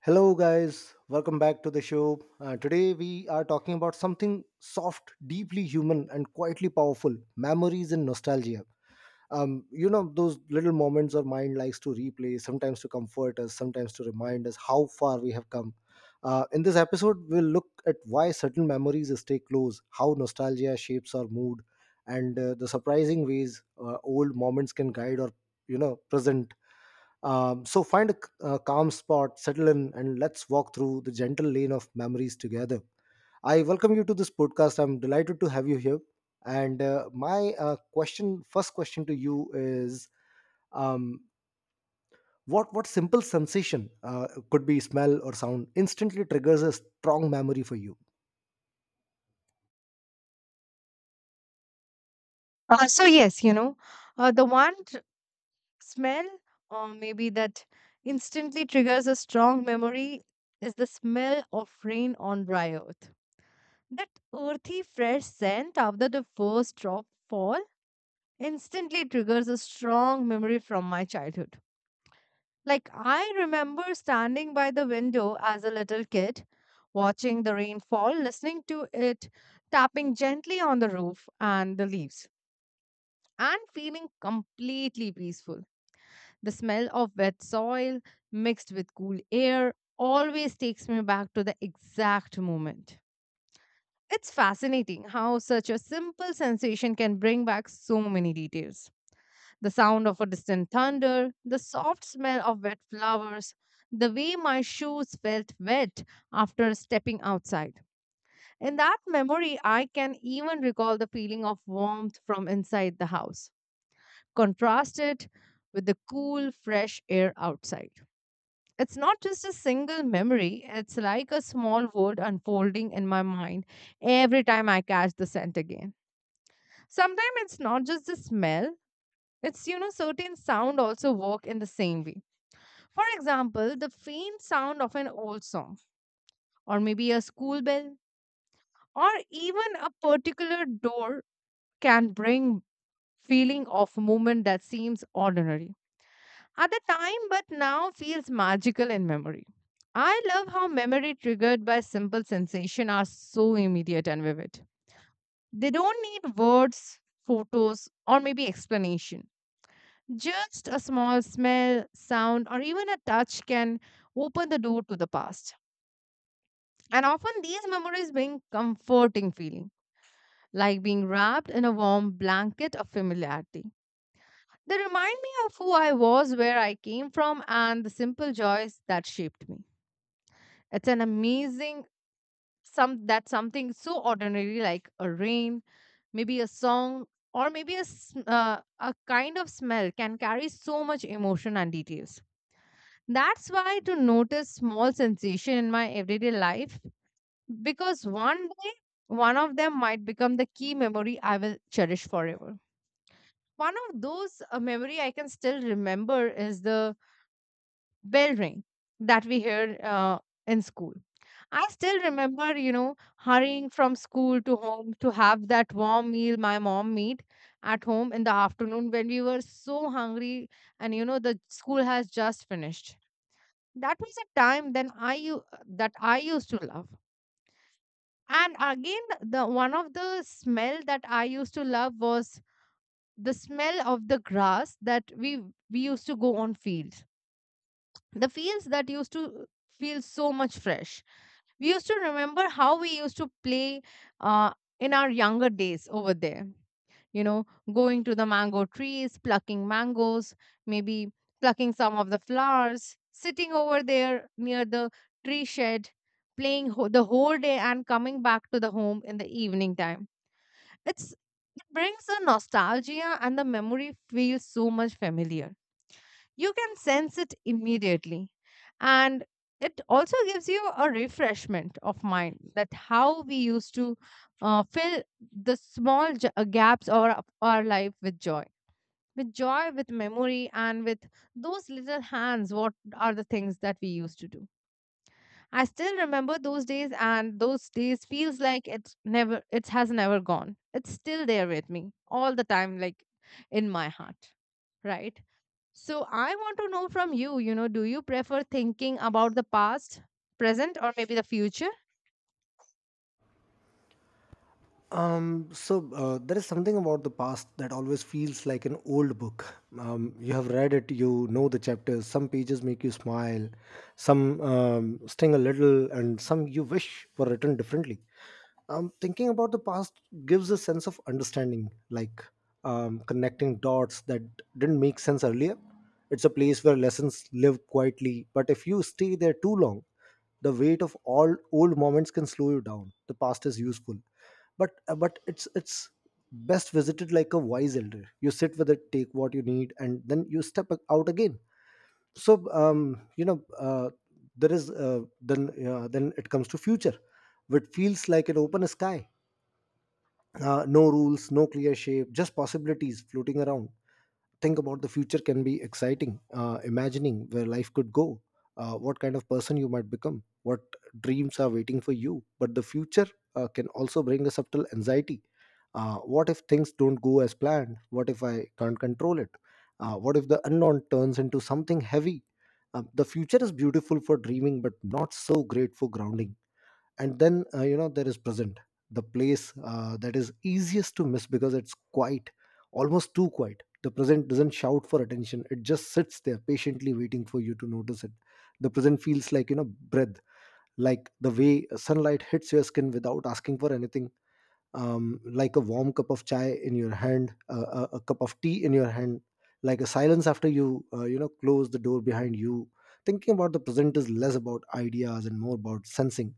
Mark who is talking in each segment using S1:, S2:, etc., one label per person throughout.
S1: Hello, guys. Welcome back to the show. Today, we are talking about something soft, deeply human, and quietly powerful memories and nostalgia. Those little moments our mind likes to replay, sometimes to comfort us, sometimes to remind us how far we have come. In this episode, we'll look at why certain memories stay close, how nostalgia shapes our mood, and the surprising ways old moments can guide our present. So find a calm spot, settle in, and let's walk through the gentle lane of memories together. I welcome you to this podcast. I'm delighted to have you here. And my first question to you is, um, what simple sensation, could be smell or sound, instantly triggers a strong memory for you?
S2: So yes, uh, the one tr- smell, or maybe that instantly triggers a strong memory, is the smell of rain on dry earth. That earthy, fresh scent after the first drop fall instantly triggers a strong memory from my childhood. Like I remember standing by the window as a little kid, watching the rain fall, listening to it tapping gently on the roof and the leaves, and feeling completely peaceful. The smell of wet soil mixed with cool air always takes me back to the exact moment. It's fascinating how such a simple sensation can bring back so many details. The sound of a distant thunder, the soft smell of wet flowers, the way my shoes felt wet after stepping outside. In that memory, I can even recall the feeling of warmth from inside the house, contrasted with the cool, fresh air outside. It's not just a single memory, it's like a small world unfolding in my mind every time I catch the scent again. Sometimes it's not just the smell, it's certain sound also work in the same way. For example, the faint sound of an old song or maybe a school bell or even a particular door can bring feeling of moment that seems ordinary at the time but now feels magical in memory. I love how memory triggered by simple sensation are so immediate and vivid. They don't need words, photos, or maybe explanation. Just a small smell, sound, or even a touch can open the door to the past. And often these memories bring comforting feeling, like being wrapped in a warm blanket of familiarity. They remind me of who I was, where I came from, and the simple joys that shaped me. It's an amazing something so ordinary like a rain, maybe a song, or maybe a kind of smell can carry so much emotion and details. That's why to notice small sensation in my everyday life because one day one of them might become the key memory I will cherish forever. One of those memory I can still remember is the bell ring that we hear in school. I still remember, you know, hurrying from school to home to have that warm meal my mom made at home in the afternoon when we were so hungry and you know the school has just finished. That was a time then that I used to love. And again the one of the smell that I used to love was the smell of the grass that we used to go on field the fields that used to feel so much fresh. We used to remember how we used to play uh, in our younger days over there. You know, going to the mango trees, plucking mangoes, maybe plucking some of the flowers, sitting over there near the tree shed, playing the whole day and coming back to the home in the evening time. It brings the nostalgia and the memory feels so much familiar, you can sense it immediately, and it also gives you a refreshment of mind that how we used to fill the gaps of our life with joy, with memory and with those little hands what are the things that we used to do. I still remember those days and those days feels like it has never gone, it's still there with me all the time, like in my heart. Right. So I want to know from you, you know, do you prefer thinking about the past, present, or maybe the future?
S1: So there is something about the past that always feels like an old book. You have read it, you know the chapters. Some pages make you smile, some sting a little, and some you wish were written differently. Thinking about the past gives a sense of understanding, like connecting dots that didn't make sense earlier. It's a place where lessons live quietly, but if you stay there too long, the weight of all old moments can slow you down. The past is useful, but it's best visited like a wise elder. You sit with it, take what you need, and then you out again. So there is, then it comes to future, which feels like an open sky. No rules, no clear shape, just possibilities floating around. Think about the future can be exciting, imagining where life could go, what kind of person you might become, what dreams are waiting for you. But the future can also bring a subtle anxiety. What if things don't go as planned? What if I can't control it? What if the unknown turns into something heavy? The future is beautiful for dreaming but not so great for grounding. And then there is present, the place that is easiest to miss because it's quiet, almost too quiet. The present doesn't shout for attention. It just sits there patiently waiting for you to notice it. The present feels like, you know, breath, like the way sunlight hits your skin without asking for anything, like a warm cup of chai in your hand, a cup of tea in your hand, like a silence after you you know close the door behind you. Thinking about the present is less about ideas and more about sensing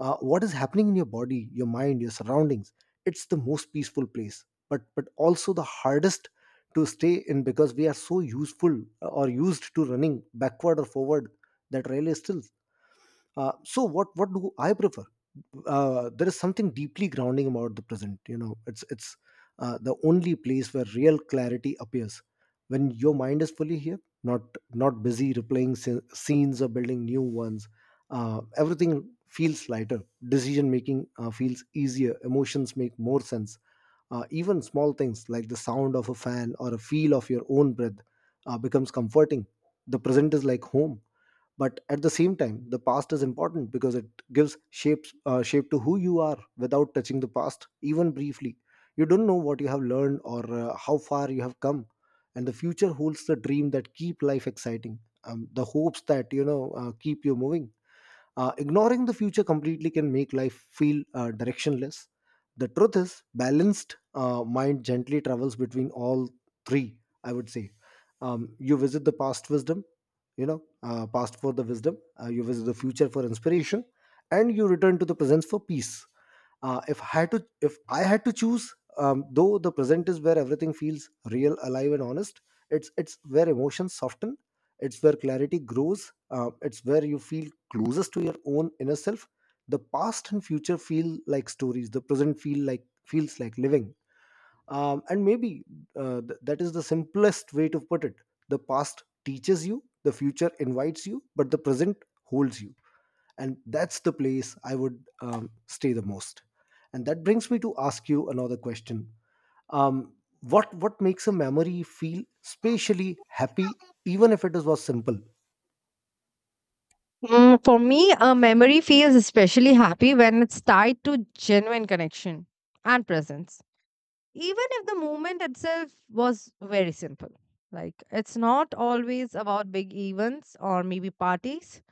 S1: what is happening in your body, your mind, your surroundings. It's the most peaceful place, but also the hardest to stay in because we are so useful, or used to running backward or forward. That rail is still. So what do I prefer? There is something deeply grounding about the present. You know, it's the only place where real clarity appears, when your mind is fully here, not busy replaying scenes or building new ones. Everything feels lighter. Decision making feels easier. Emotions make more sense. Even small things like the sound of a fan or a feel of your own breath becomes comforting. The present is like home. But at the same time, the past is important because it gives shape to who you are. Without touching the past even briefly, you don't know what you have learned or how far you have come. And the future holds the dream that keep life exciting, the hopes that, you know, keep you moving. Ignoring the future completely can make life feel directionless. The truth is, balanced mind gently travels between all three, I would say. You visit the past wisdom, past for the wisdom, you visit the future for inspiration, and you return to the present for peace. If I had to choose, though the present is where everything feels real, alive, and honest, it's where emotions soften, it's where clarity grows, it's where you feel closest to your own inner self. The past and future feel like stories. The present feels like living. And maybe that is the simplest way to put it. The past teaches you, the future invites you, but the present holds you. And that's the place I would stay the most. And that brings me to ask you another question. Um, what makes a memory feel spatially happy even if it is was simple?
S2: Mm, for me, a memory feels especially happy when it's tied to genuine connection and presence, even if the movement itself was very simple. Like, it's not always about big events or maybe parties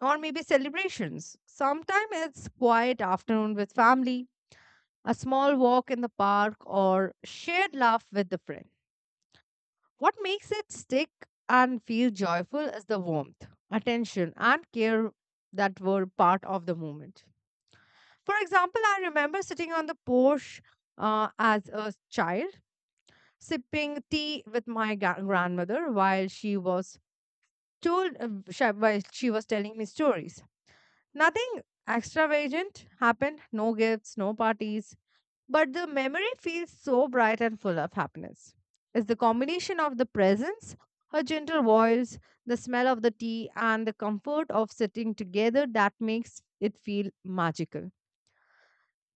S2: or maybe celebrations. Sometimes it's quiet afternoon with family, a small walk in the park, or shared laugh with the friend. What makes it stick and feel joyful is the warmth, attention, and care that were part of the moment. For example, I remember sitting on the porch as a child sipping tea with my grandmother while she was told sh- while she was telling me stories. Nothing extravagant happened, no gifts, no parties, but the memory feels so bright and full of happiness. It's the combination of the presence, her gentle voice, the smell of the tea, and the comfort of sitting together that makes it feel magical.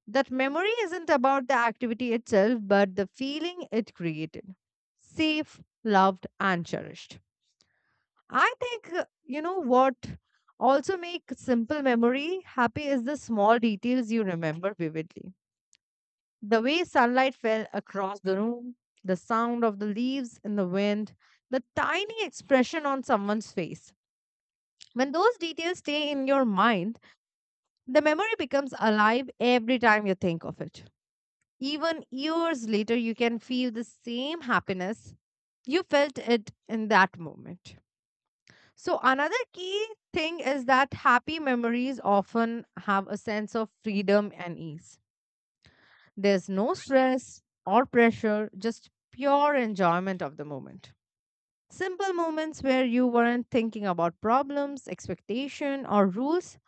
S2: That memory isn't about the activity itself, but the feeling it created: safe, loved, and cherished. I think, what also make simple memory happy is the small details you remember vividly. The way sunlight fell across the room, the sound of the leaves in the wind, the tiny expression on someone's face. When those details stay in your mind, the memory becomes alive every time you think of it. Even years later, you can feel the same happiness. You felt it in that moment. So, another key thing is that happy memories often have a sense of freedom and ease. There's no stress or pressure, just pure enjoyment of the moment. Simple moments where you weren't thinking about problems, expectation, or rules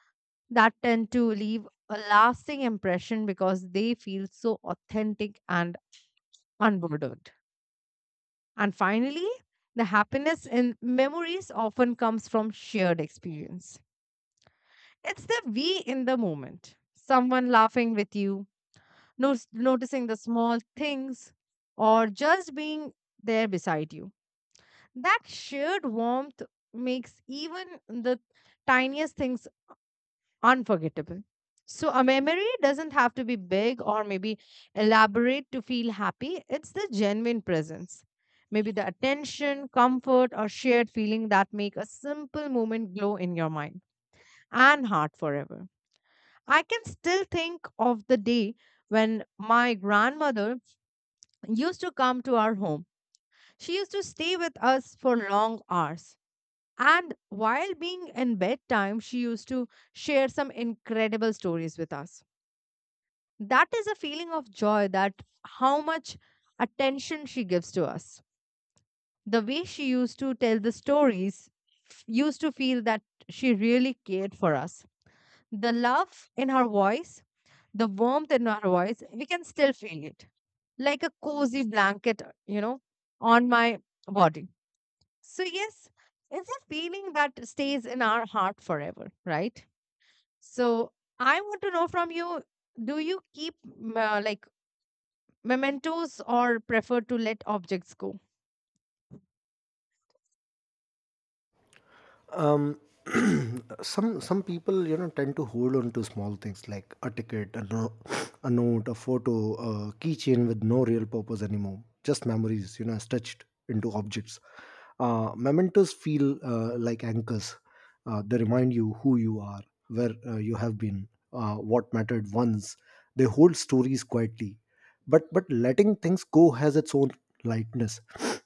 S2: that tend to leave a lasting impression because they feel so authentic and unburdened. And finally, the happiness in memories often comes from shared experience. It's the we in the moment. Someone laughing with you, noticing the small things, or just being there beside you. That shared warmth makes even the tiniest things unforgettable. So, a memory doesn't have to be big or maybe elaborate to feel happy. It's the genuine presence. Maybe the attention, comfort, or shared feeling that make a simple moment glow in your mind and heart forever. I can still think of the day when my grandmother used to come to our home. She used to stay with us for long hours. And while being in bedtime, she used to share some incredible stories with us. That is a feeling of joy, that how much attention she gives to us, the way she used to tell the stories, used to feel that she really cared for us. The love in her voice, the warmth in her voice, we can still feel it like a cozy blanket, you know, on my body. So yes, it's a feeling that stays in our heart forever. Right. So I want to know from you, do you keep like mementos or prefer to let objects go?
S1: um, some people, you know, tend to hold on to small things like a ticket, a, no, a note, a photo, a keychain, with no real purpose anymore, just memories, you know, stretched into objects. Mementos feel like anchors. They remind you who you are, where you have been, what mattered once. They hold stories quietly. But letting things go has its own lightness.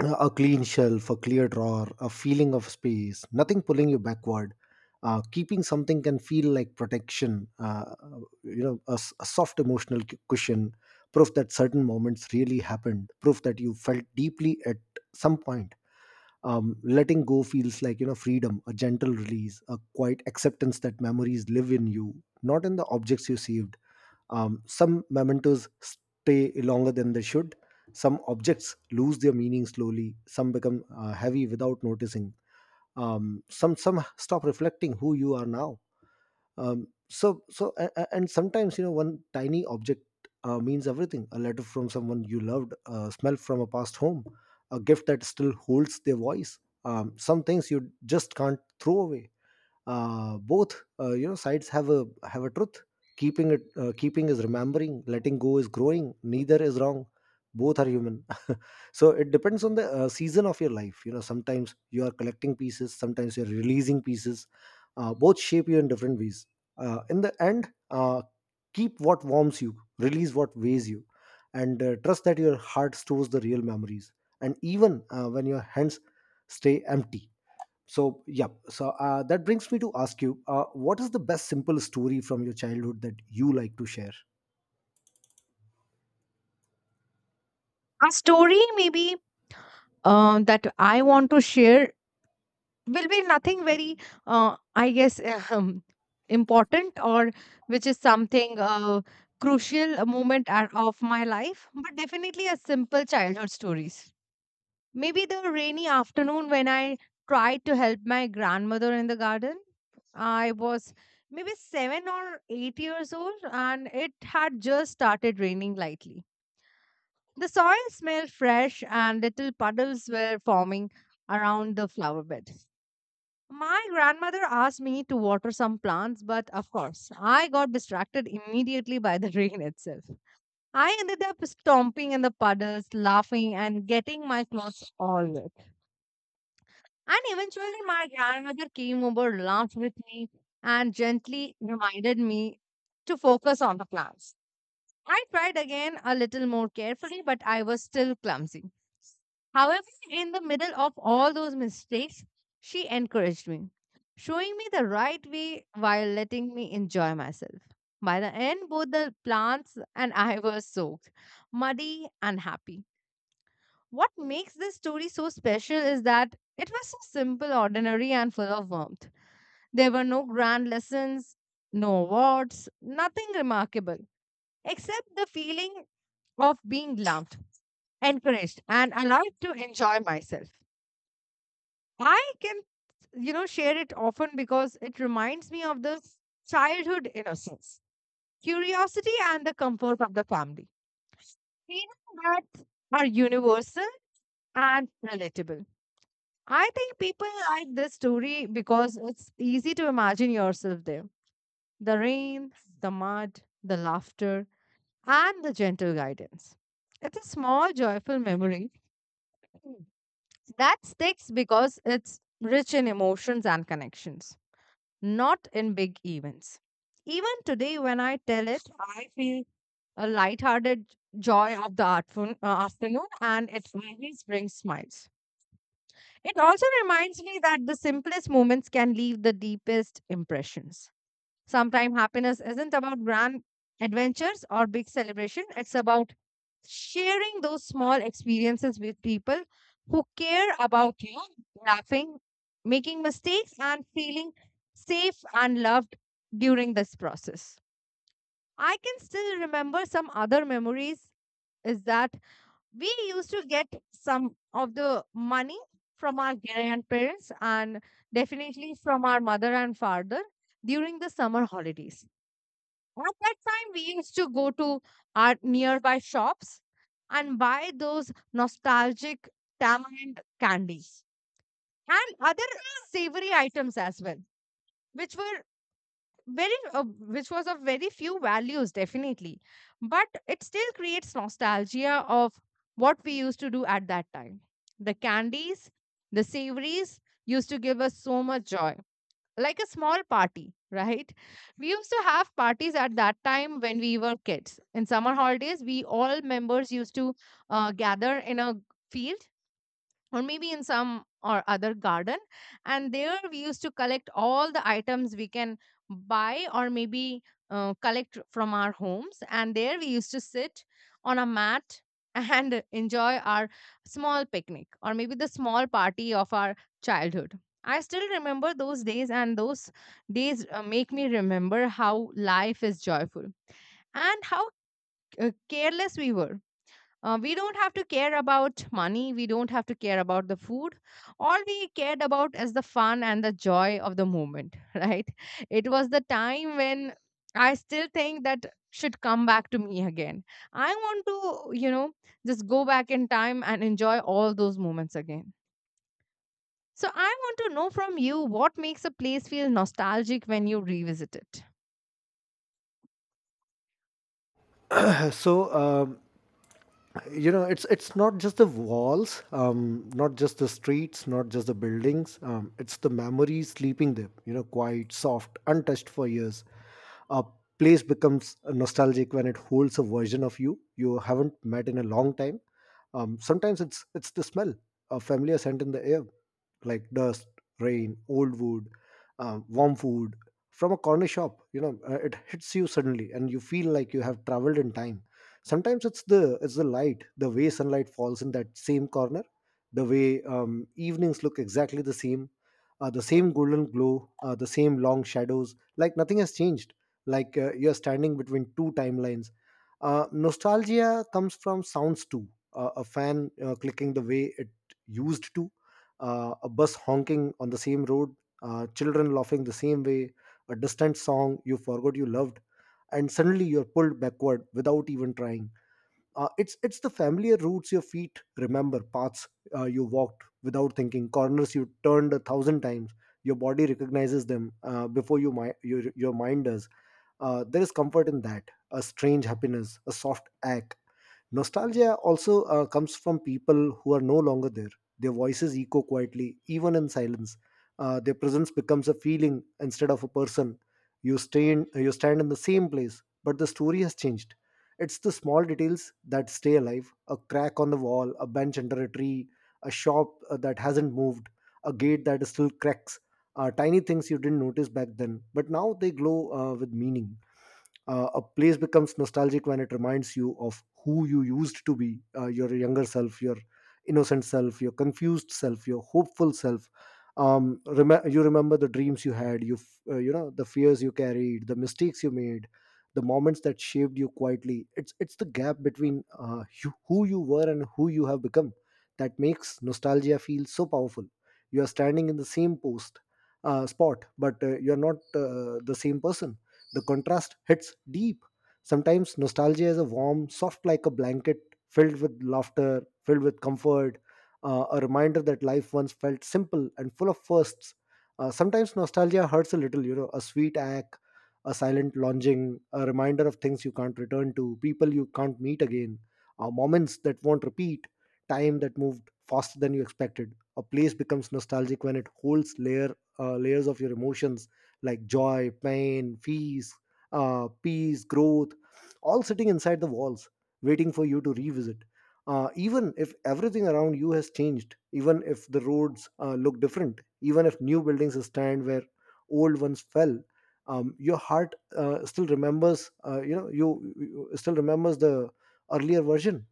S1: A clean shelf, a clear drawer, a feeling of space, nothing pulling you backward. Keeping something can feel like protection, a, a soft emotional cushion, proof that certain moments really happened, proof that you felt deeply at some point. Letting go feels like, you know, freedom, a gentle release, a quiet acceptance that memories live in you, not in the objects you saved. Some mementos stay longer than they should. Some objects lose their meaning slowly. Some become heavy without noticing. Some stop reflecting who you are now. And sometimes, you know, one tiny object means everything. A letter from someone you loved, a smell from a past home, a gift that still holds their voice. Some things you just can't throw away. Both sides have a truth. Keeping is remembering, letting go is growing. Neither is wrong, both are human. So it depends on the season of your life. You know, sometimes you are collecting pieces, sometimes you're releasing pieces. Both shape you in different ways. In the end, keep what warms you, release what weighs you, and trust that your heart stores the real memories, and even when your hands stay empty. So that brings me to ask you, what is the best simple story from your childhood that you like to share?
S2: A story maybe that I want to share will be nothing very, I guess um, important or which is something crucial, a moment of my life, but definitely a simple childhood stories. Maybe the rainy afternoon when I tried to help my grandmother in the garden. I was maybe 7 or 8 years old, and it had just started raining lightly. The soil smelled fresh, and little puddles were forming around the flower bed. My grandmother asked me to water some plants, but of course, I got distracted immediately by the rain itself. I ended up stomping in the puddles, laughing, and getting my clothes all wet. And eventually, my grandmother came over, laughed with me, and gently reminded me to focus on the class. I tried again a little more carefully, but I was still clumsy. However, in the middle of all those mistakes, she encouraged me, showing me the right way while letting me enjoy myself. By the end, both the plants and I were soaked, muddy, and happy. What makes this story so special is that it was so simple, ordinary, and full of warmth. There were no grand lessons, no awards, nothing remarkable, except the feeling of being loved, encouraged, and allowed to enjoy myself. I can, you know, share it often because it reminds me of the childhood innocence, curiosity, and the comfort of the family. Feelings that are universal and relatable. I think people like this story because it's easy to imagine yourself there. The rain, the mud, the laughter, and the gentle guidance. It's a small, joyful memory that sticks because it's rich in emotions and connections, not in big events. Even today, when I tell it, I feel a lighthearted joy of the artful, afternoon, and it always brings smiles. It also reminds me that the simplest moments can leave the deepest impressions. Sometimes happiness isn't about grand adventures or big celebration, it's about sharing those small experiences with people who care about you, laughing, making mistakes, and feeling safe and loved during this process. I can still remember some other memories is that we used to get some of the money from our grandparents and definitely from our mother and father during the summer holidays. At that time, we used to go to our nearby shops and buy those nostalgic tamarind candies and other savory items as well, which were very which was of very few values definitely, but it still creates nostalgia of what we used to do at that time. The candies, the savories used to give us so much joy, like a small party, right? We used to have parties at that time when we were kids. In summer holidays, we all members used to gather in a field or maybe in some or other garden, and there we used to collect all the items we can buy or maybe collect from our homes, and there we used to sit on a mat and enjoy our small picnic or maybe the small party of our childhood. I still remember those days, and those days make me remember how life is joyful and how careless we were. We don't have to care about money. We don't have to care about the food. All we cared about is the fun and the joy of the moment, right? It was the time when I still think that should come back to me again. I want to, just go back in time and enjoy all those moments again. So I want to know from you, what makes a place feel nostalgic when you revisit it?
S1: So it's not just the walls, not just the streets, not just the buildings, it's the memories sleeping there, you know, quite soft, untouched for years. A place becomes nostalgic when it holds a version of you you haven't met in a long time. Sometimes it's the smell, a familiar scent in the air, like dust, rain, old wood, warm food from a corner shop. You know, it hits you suddenly and you feel like you have traveled in time. Sometimes it's the light, the way sunlight falls in that same corner, the way evenings look exactly the same, the same golden glow, the same long shadows, like nothing has changed, like you're standing between two timelines. Nostalgia comes from sounds too. A fan clicking the way it used to, a bus honking on the same road, children laughing the same way, a distant song you forgot you loved, and suddenly you're pulled backward without even trying. It's the familiar routes your feet remember, paths you walked without thinking, corners you turned a thousand times. Your body recognizes them your mind does. There is comfort in that, a strange happiness, a soft ache. Nostalgia also comes from people who are no longer there. Their voices echo quietly, even in silence. Their presence becomes a feeling instead of a person. You stand in the same place, but the story has changed. It's the small details that stay alive: a crack on the wall, a bench under a tree, a shop that hasn't moved, a gate that still cracks. Tiny things you didn't notice back then, but now they glow with meaning. A place becomes nostalgic when it reminds you of who you used to be, your younger self, your innocent self, your confused self, your hopeful self. You remember the dreams you had, you, f- you know, the fears you carried, the mistakes you made, the moments that shaped you quietly. It's the gap between you, who you were and who you have become that makes nostalgia feel so powerful. You are standing in the same spot, but you're not the same person. The contrast hits deep. Sometimes nostalgia is a warm, soft like a blanket, filled with laughter, filled with comfort, a reminder that life once felt simple and full of firsts. Sometimes nostalgia hurts a little, you know, a sweet ache, a silent longing, a reminder of things you can't return to, people you can't meet again, moments that won't repeat, time that moved faster than you expected. A place becomes nostalgic when it holds layers of your emotions like joy, pain, fees, peace, growth, all sitting inside the walls, waiting for you to revisit. Even if everything around you has changed, even if the roads look different, even if new buildings stand where old ones fell, your heart still remembers. You still remembers the earlier version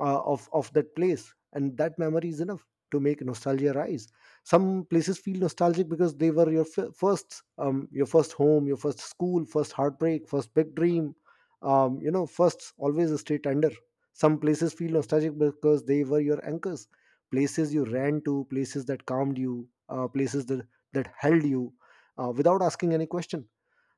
S1: of that place, and that memory is enough to make nostalgia rise. Some places feel nostalgic because they were your first. Your first home, your first school, first heartbreak, first big dream. You know, first always a stay tender. Some places feel nostalgic because they were your anchors, places you ran to, places that calmed you, places that held you without asking any question.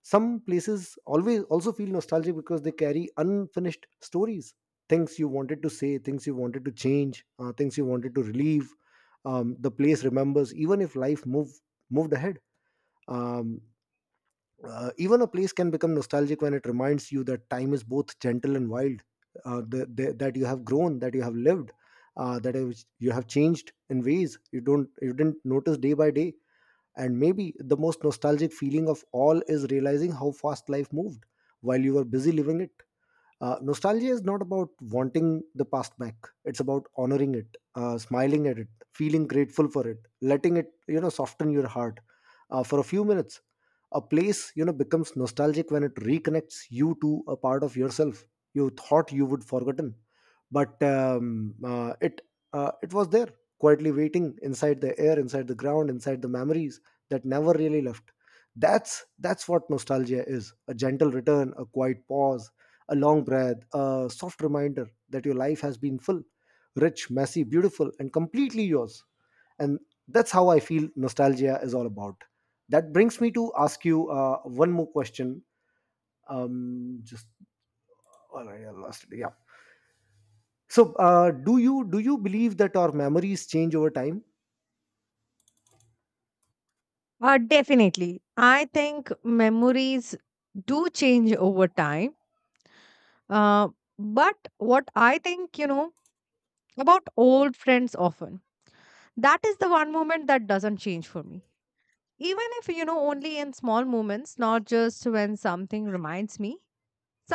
S1: Some places always also feel nostalgic because they carry unfinished stories, things you wanted to say, things you wanted to change, things you wanted to relieve. The place remembers, even if life moved ahead. Um, Even a place can become nostalgic when it reminds you that time is both gentle and wild, that you have grown, that you have lived, that you have changed in ways you don't you didn't notice day by day. And maybe the most nostalgic feeling of all is realizing how fast life moved while you were busy living it. Nostalgia is not about wanting the past back. It's about honoring it, smiling at it, feeling grateful for it, letting it, you know, soften your heart for a few minutes. A place, you know, becomes nostalgic when it reconnects you to a part of yourself you thought you would forgotten, but it it was there quietly waiting inside the air, inside the ground, inside the memories that never really left. That's what nostalgia is: a gentle return, a quiet pause, a long breath, a soft reminder that your life has been full, rich, messy, beautiful, and completely yours. And that's how I feel nostalgia is all about. That brings me to ask you one more question. Just All right, I lost it. Yeah. So, do you believe that our memories change over time?
S2: Definitely. I think memories do change over time. Uh, but what I think, you know, about old friends often, that is the one moment that doesn't change for me, even if, you know, only in small moments, not just when something reminds me.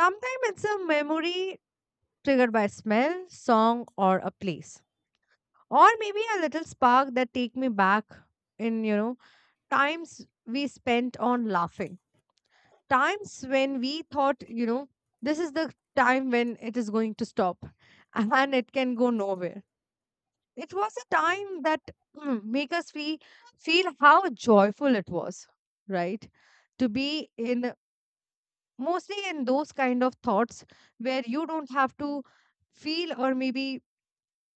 S2: Sometimes it's a memory triggered by smell, song, or a place, or maybe a little spark that take me back in, you know, times we spent on laughing, times when we thought, you know, this is the time when it is going to stop and it can go nowhere. It was a time that make us feel how joyful it was, right? To be in, mostly in those kind of thoughts where you don't have to feel or maybe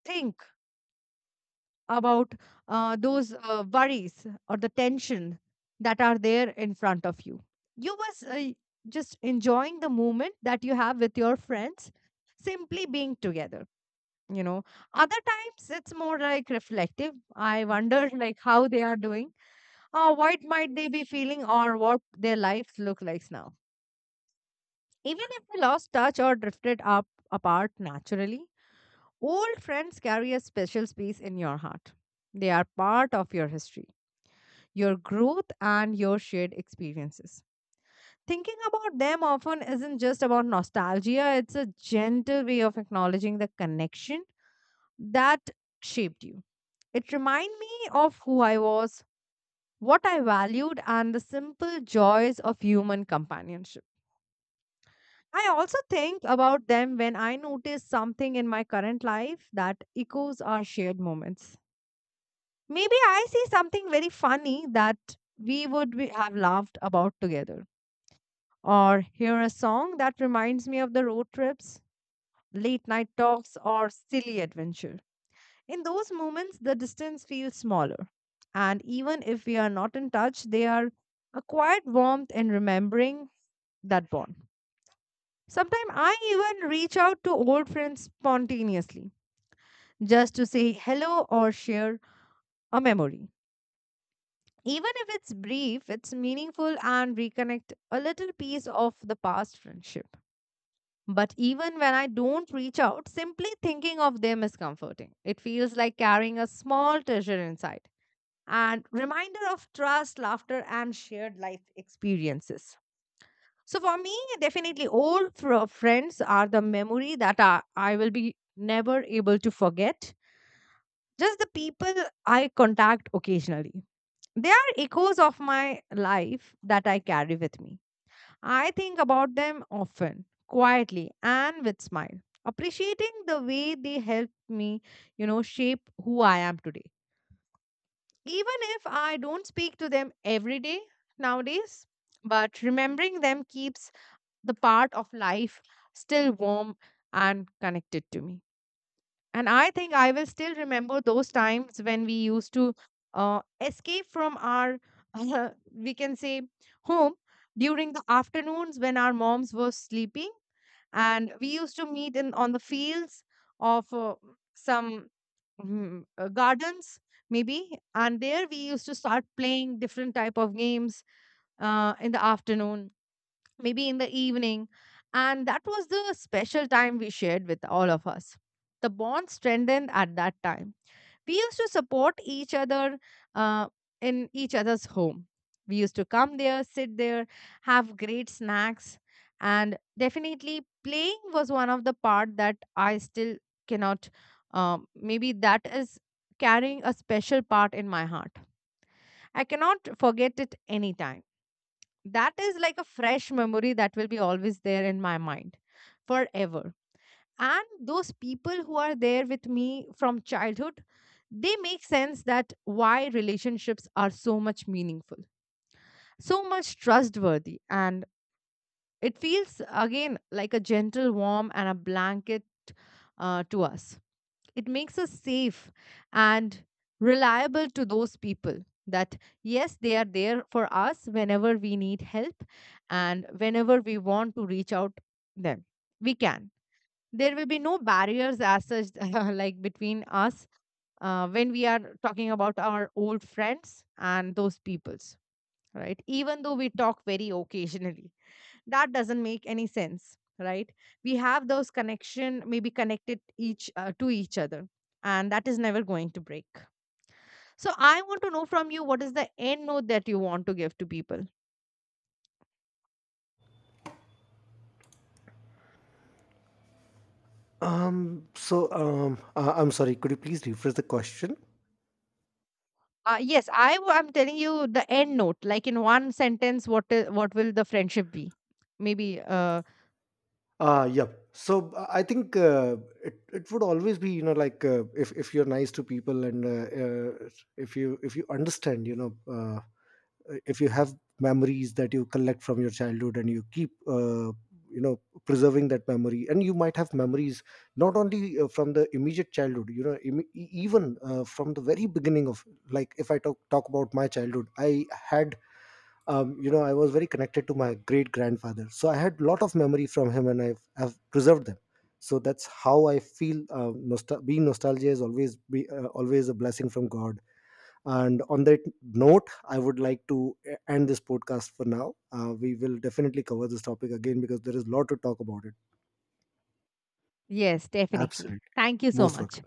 S2: think about those worries or the tension that are there in front of you. You was just enjoying the moment that you have with your friends, simply being together, you know. Other times it's more like reflective. I wonder like how they are doing, or what might they be feeling, or what their lives look like now. Even if we lost touch or drifted up apart naturally, old friends carry a special space in your heart. They are part of your history, your growth, and your shared experiences. Thinking about them often isn't just about nostalgia, it's a gentle way of acknowledging the connection that shaped you. It reminded me of who I was, what I valued, and the simple joys of human companionship. I also think about them when I notice something in my current life that echoes our shared moments. Maybe I see something very funny that we would be, have laughed about together, or hear a song that reminds me of the road trips, late night talks, or silly adventures. In those moments, the distance feels smaller. And even if we are not in touch, they are a quiet warmth in remembering that bond. Sometimes I even reach out to old friends spontaneously just to say hello or share a memory. Even if it's brief, it's meaningful and reconnect a little piece of the past friendship. But even when I don't reach out, simply thinking of them is comforting. It feels like carrying a small treasure inside and reminder of trust, laughter, and shared life experiences. So for me, definitely, friends are the memory that I will be never able to forget. Just the people I contact occasionally. They are echoes of my life that I carry with me. I think about them often, quietly, and with smile, appreciating the way they helped me, you know, shape who I am today. Even if I don't speak to them every day nowadays, but remembering them keeps the part of life still warm and connected to me. And I think I will still remember those times when we used to escape from our, we can say, home during the afternoons when our moms were sleeping, and we used to meet in on the fields of some gardens maybe, and there we used to start playing different type of games in the afternoon, maybe in the evening. And that was the special time we shared with all of us. The bond strengthened at that time. We used to support each other uh, in each other's home. We used to come there, sit there, have great snacks. And definitely, playing was one of the part that I still cannot. Maybe that is carrying a special part in my heart. I cannot forget it anytime. That is like a fresh memory that will be always there in my mind forever. And those people who are there with me from childhood, they make sense that why relationships are so much meaningful, so much trustworthy. And it feels again like a gentle warm and a blanket to us. It makes us safe and reliable to those people that, yes, they are there for us whenever we need help and whenever we want to reach out them. We can. There will be no barriers as such, like between us when we are talking about our old friends and those peoples, right? Even though we talk very occasionally, that doesn't make any sense, right? We have those connection, maybe connected each to each other, and that is never going to break. So I want to know from you, what is the end note that you want to give to people?
S1: I'm sorry, could you please rephrase the question?
S2: Yes, I'm telling you the end note, like in one sentence, what will the friendship be maybe,
S1: Yep. So, I think it would always be, you know, like, if you're nice to people, and uh, if you understand, you know, if you have memories that you collect from your childhood and you keep, you know preserving that memory. And you might have memories not only from the immediate childhood, you know, im- e- even from the very beginning of, like, if I talk about my childhood, I had, you know, I was very connected to my great grandfather. So I had lot of memory from him, and I've preserved them. So that's how I feel. Being nostalgia is always a blessing from God. And on that note, I would like to end this podcast for now. We will definitely cover this topic again because there is a lot to talk about it.
S2: Yes, definitely.
S1: Absolutely,
S2: Thank you so
S1: most
S2: much.
S1: welcome.